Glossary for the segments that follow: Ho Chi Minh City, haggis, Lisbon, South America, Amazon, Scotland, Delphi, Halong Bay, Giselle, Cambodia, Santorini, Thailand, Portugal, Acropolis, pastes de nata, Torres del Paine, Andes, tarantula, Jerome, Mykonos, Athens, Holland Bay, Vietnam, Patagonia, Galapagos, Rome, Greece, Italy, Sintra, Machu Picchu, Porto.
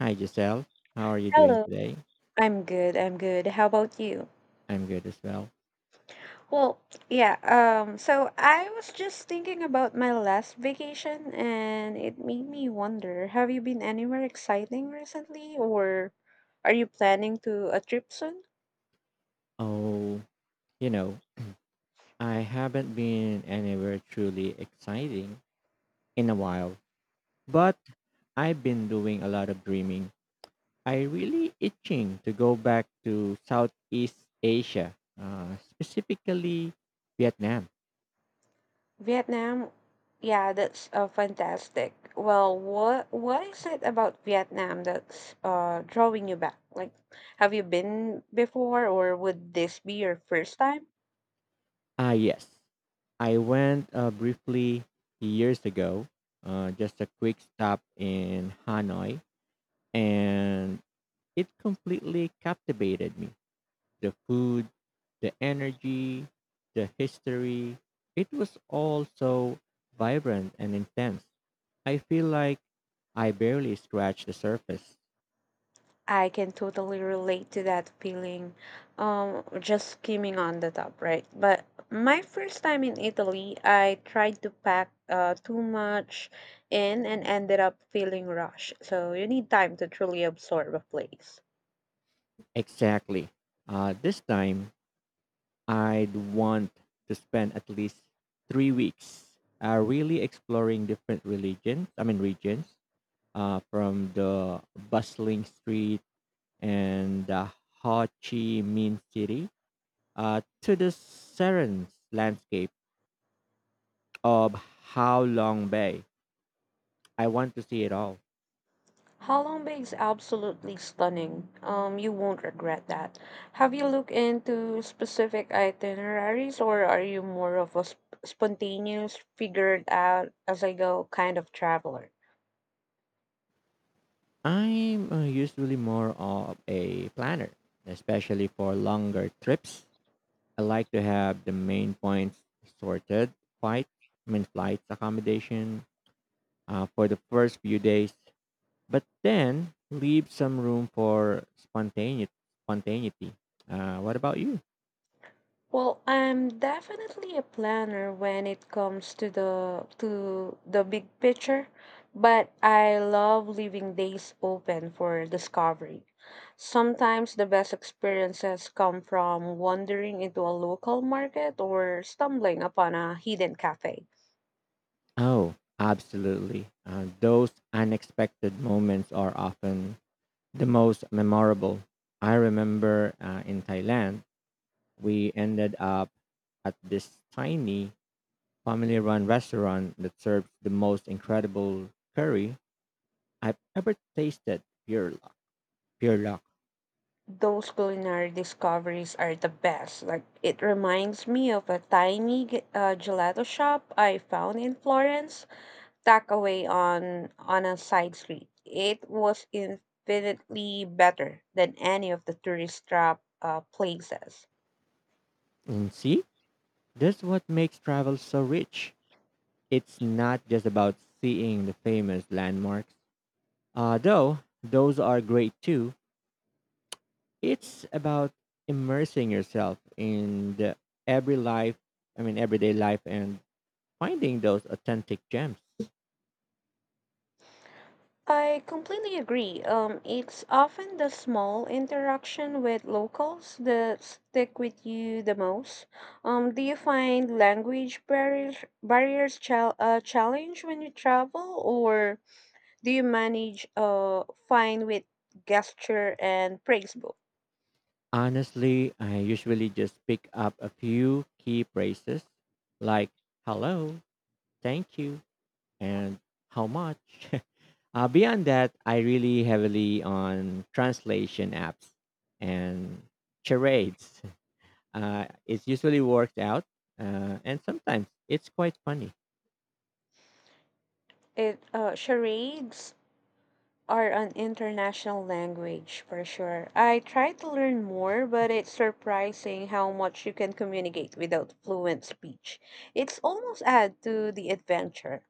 Hi, Giselle. How are you doing Hello. today? I'm good. I'm good. How about you? I'm good as well. Well, yeah, um, so I was just thinking about my last vacation and it made me wonder, have you been anywhere exciting recently, or are you planning to a trip soon? Oh, you know, I haven't been anywhere truly exciting in a while, but I've been doing a lot of dreaming. I really itching to go back to Southeast Asia, specifically Vietnam. Vietnam? Yeah, that's fantastic. Well, what is it about Vietnam that's drawing you back? Like, have you been before, or would this be your first time? Ah, yes. I went briefly years ago, just a quick stop in Hanoi, and it completely captivated me. The food, the energy, the history, it was all so vibrant and intense. I feel like I barely scratched the surface. I can totally relate to that feeling, just skimming on the top, right? But my first time in Italy, I tried to pack too much in and ended up feeling rushed. So you need time to truly absorb a place. Exactly. This time, I'd want to spend at least 3 weeks really exploring different regions, from the bustling street and the Ho Chi Minh City to the serene landscape of How Long Bay. I want to see it all. Holland Bay is absolutely stunning. You won't regret that. Have you looked into specific itineraries, or are you more of a spontaneous, figured out as I go kind of traveler? I'm usually more of a planner, especially for longer trips. I like to have the main points sorted, flights, I mean flights, accommodation for the first few days, but then leave some room for spontaneity. What about you? Well, I'm definitely a planner when it comes to the big picture, but I love leaving days open for discovery. Sometimes the best experiences come from wandering into a local market or stumbling upon a hidden cafe. Oh, absolutely. Those unexpected moments are often the most memorable. I remember in Thailand, we ended up at this tiny family run restaurant that served the most incredible curry I've ever tasted. Pure luck. Those culinary discoveries are the best. Like, it reminds me of a tiny gelato shop I found in Florence, tucked away on a side street. It was infinitely better than any of the tourist trap places. And see, that's what makes travel so rich. It's not just about seeing the famous landmarks, though those are great too. It's about immersing yourself in the every life, everyday life and finding those authentic gems. I completely agree. It's often the small interaction with locals that stick with you the most. Do you find language barriers challenge when you travel, or do you manage fine with gesture and praise book? Honestly, I usually just pick up a few key phrases like hello, thank you, and how much. Beyond that, I really heavily on translation apps and charades. It usually works out, and sometimes it's quite funny. It charades are an international language for sure. I try to learn more, but it's surprising how much you can communicate without fluent speech. It's almost add to the adventure.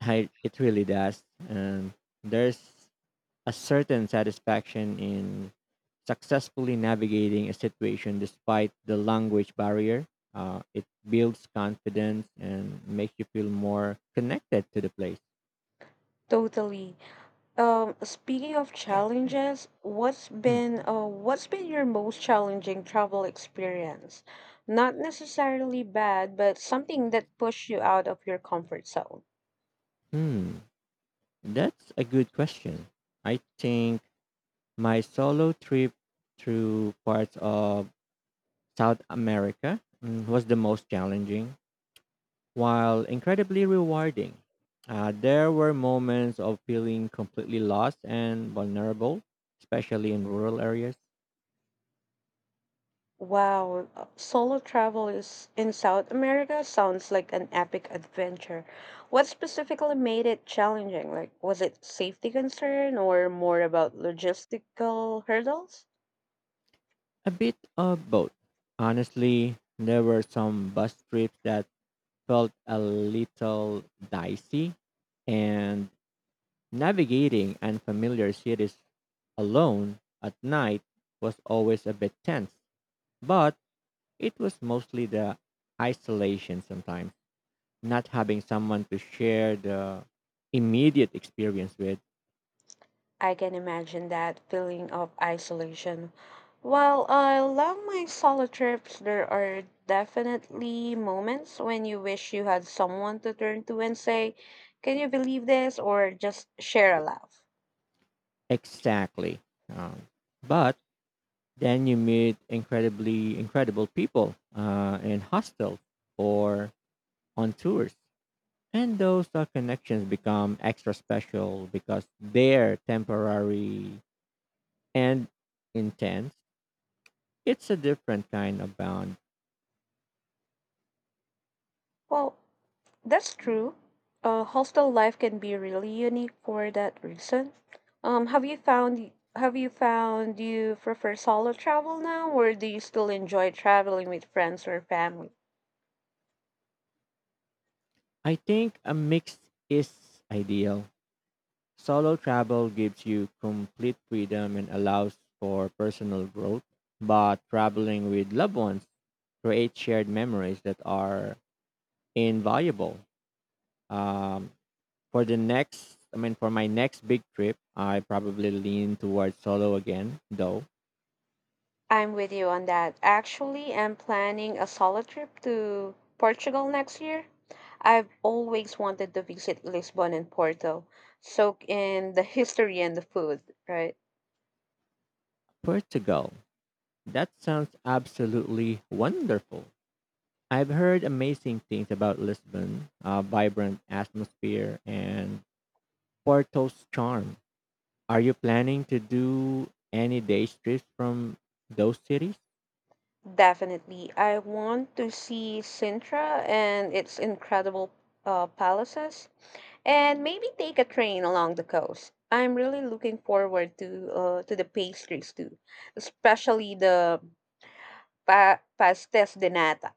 It really does. And there's a certain satisfaction in successfully navigating a situation despite the language barrier. It builds confidence and makes you feel more connected to the place. Totally. Speaking of challenges, what's been your most challenging travel experience? Not necessarily bad, but something that pushed you out of your comfort zone. Hmm, that's a good question. I think my solo trip through parts of South America was the most challenging. While incredibly rewarding, there were moments of feeling completely lost and vulnerable, especially in rural areas. Wow, solo travel is in South America sounds like an epic adventure. What specifically made it challenging? Like, was it safety concern or more about logistical hurdles? A bit of both. Honestly, there were some bus trips that felt a little dicey, and navigating unfamiliar cities alone at night was always a bit tense, but it was mostly the isolation, sometimes not having someone to share the immediate experience with. I can imagine that feeling of isolation. While I love my solo trips, there are definitely moments when you wish you had someone to turn to and say, "Can you believe this?" or just share a laugh. Exactly. um, but then you meet incredibly incredible people in hostels or on tours, and those connections become extra special because they're temporary and intense. It's a different kind of bond. Well, that's true. Hostel life can be really unique for that reason. Um, have you found you prefer solo travel now, or do you still enjoy traveling with friends or family? I think a mix is ideal. Solo travel gives you complete freedom and allows for personal growth, but traveling with loved ones creates shared memories that are invaluable. Um, for my next big trip, I probably lean towards solo again, though. I'm with you on that. Actually, I'm planning a solo trip to Portugal next year. I've always wanted to visit Lisbon and Porto, soak in the history and the food, right? Portugal. That sounds absolutely wonderful. I've heard amazing things about Lisbon, vibrant atmosphere, and Porto's charm. Are you planning to do any day trips from those cities? Definitely. I want to see Sintra and its incredible palaces, and maybe take a train along the coast. I'm really looking forward to the pastries too, especially the pastes de nata.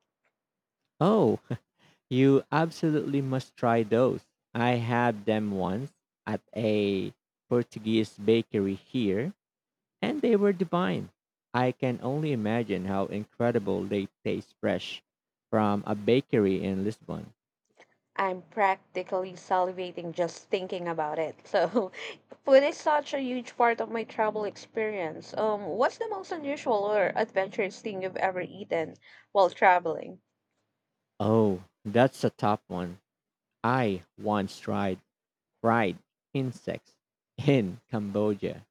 Oh, you absolutely must try those. I had them once at a Portuguese bakery here, and they were divine. I can only imagine how incredible they taste fresh from a bakery in Lisbon. I'm practically salivating just thinking about it. So, food is such a huge part of my travel experience. What's the most unusual or adventurous thing you've ever eaten while traveling? Oh, that's a tough one. I once tried fried insects in Cambodia,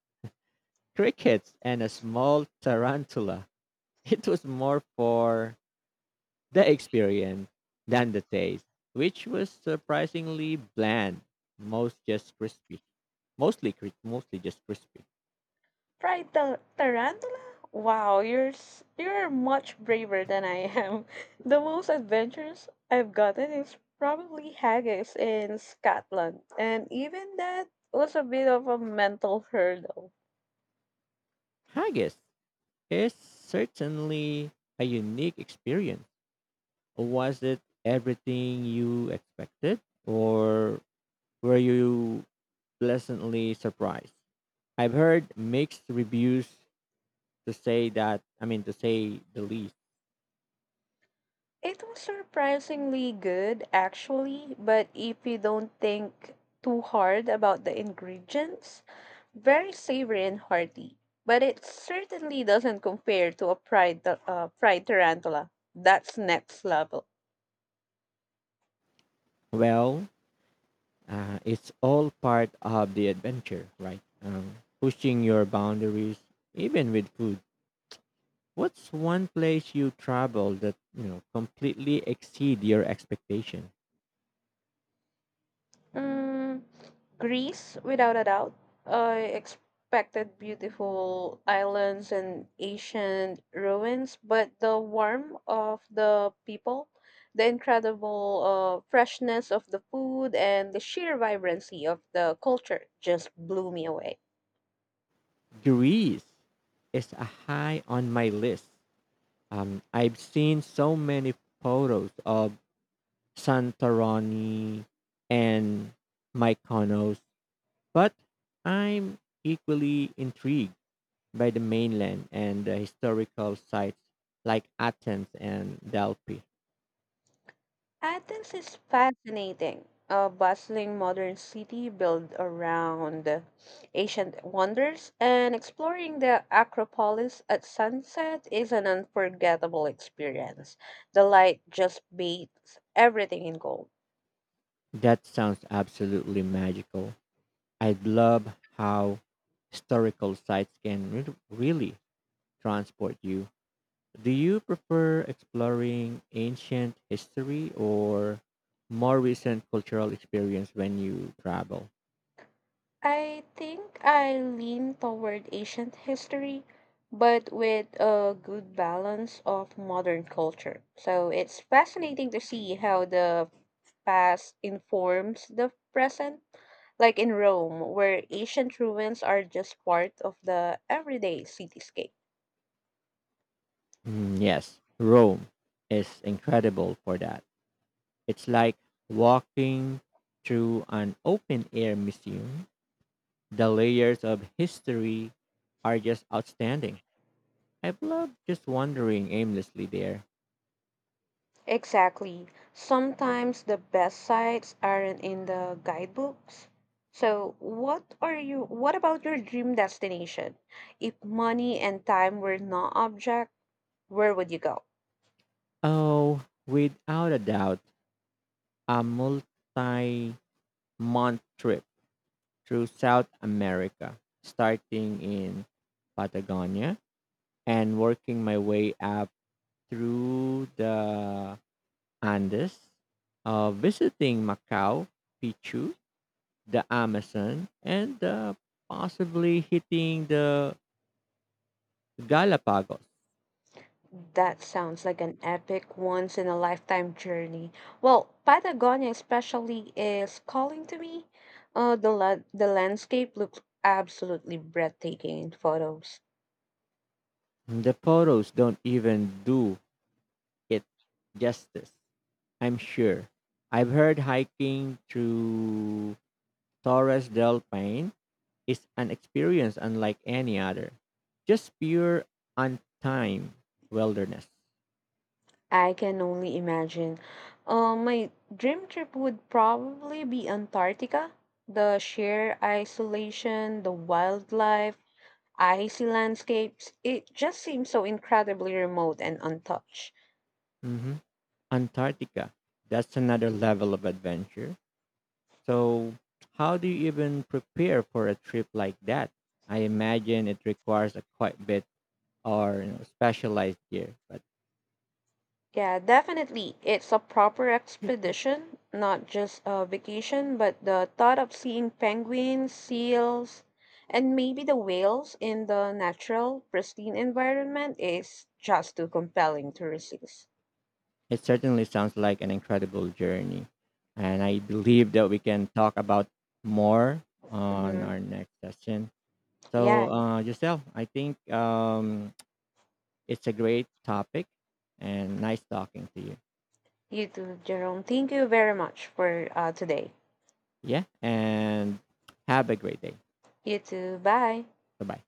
crickets, and a small tarantula. It was more for the experience than the taste, which was surprisingly bland, most just crispy. mostly just crispy. Fried tarantula? Wow, you're much braver than I am. The most adventures I've gotten is probably haggis in Scotland, and even that was a bit of a mental hurdle. Haggis is certainly a unique experience. Was it everything you expected, or were you pleasantly surprised? I've heard mixed reviews, to say that I mean to say the least. It was surprisingly good, actually, but if you don't think too hard about the ingredients, very savory and hearty. But it certainly doesn't compare to a fried tarantula. That's next level. Well, it's all part of the adventure, right? Pushing your boundaries even with food. What's one place you travel that, you know, completely exceed your expectation? Mm, Greece, without a doubt. I expected beautiful islands and ancient ruins, but the warmth of the people, the incredible freshness of the food, and the sheer vibrancy of the culture just blew me away. Greece is a high on my list. I've seen so many photos of Santorini and Mykonos, but I'm equally intrigued by the mainland and the historical sites like Athens and Delphi. Athens is fascinating, a bustling modern city built around ancient wonders, and exploring the Acropolis at sunset is an unforgettable experience. The light just bathes everything in gold. That sounds absolutely magical. I love how historical sites can really transport you. Do you prefer exploring ancient history or more recent cultural experience when you travel? I think I lean toward ancient history, but with a good balance of modern culture. So it's fascinating to see how the past informs the present, like in Rome, where ancient ruins are just part of the everyday cityscape. Mm, yes, Rome is incredible for that. It's like walking through an open air museum. The layers of history are just outstanding. I've loved just wandering aimlessly there. Exactly. Sometimes the best sites aren't in the guidebooks. So, what about your dream destination? If money and time were no object, where would you go? Oh, without a doubt, a multi month trip through South America, starting in Patagonia and working my way up through the Andes, visiting Macau, Pichu, the Amazon, and possibly hitting the Galapagos. That sounds like an epic once in a lifetime journey. Well, Patagonia especially is calling to me. The landscape looks absolutely breathtaking in photos. The photos don't even do it justice, I'm sure. I've heard hiking through Torres del Paine is an experience unlike any other. Just pure, untimed wilderness. I can only imagine. My dream trip would probably be Antarctica. The sheer isolation, the wildlife, icy landscapes, it just seems so incredibly remote and untouched. Hmm. Antarctica. That's another level of adventure. So, how do you even prepare for a trip like that? I imagine it requires a quite bit, or you know, specialized gear, but Yeah, definitely. It's a proper expedition, not just a vacation, but the thought of seeing penguins, seals, and maybe the whales in the natural, pristine environment is just too compelling to resist. it certainly sounds like an incredible journey. And I believe that we can talk about more on Hmm. our next session. So, Yeah, Giselle, I think it's a great topic and nice talking to you. you too, Jerome. Thank you very much for today. Yeah. And have a great day. You too. Bye. Bye bye.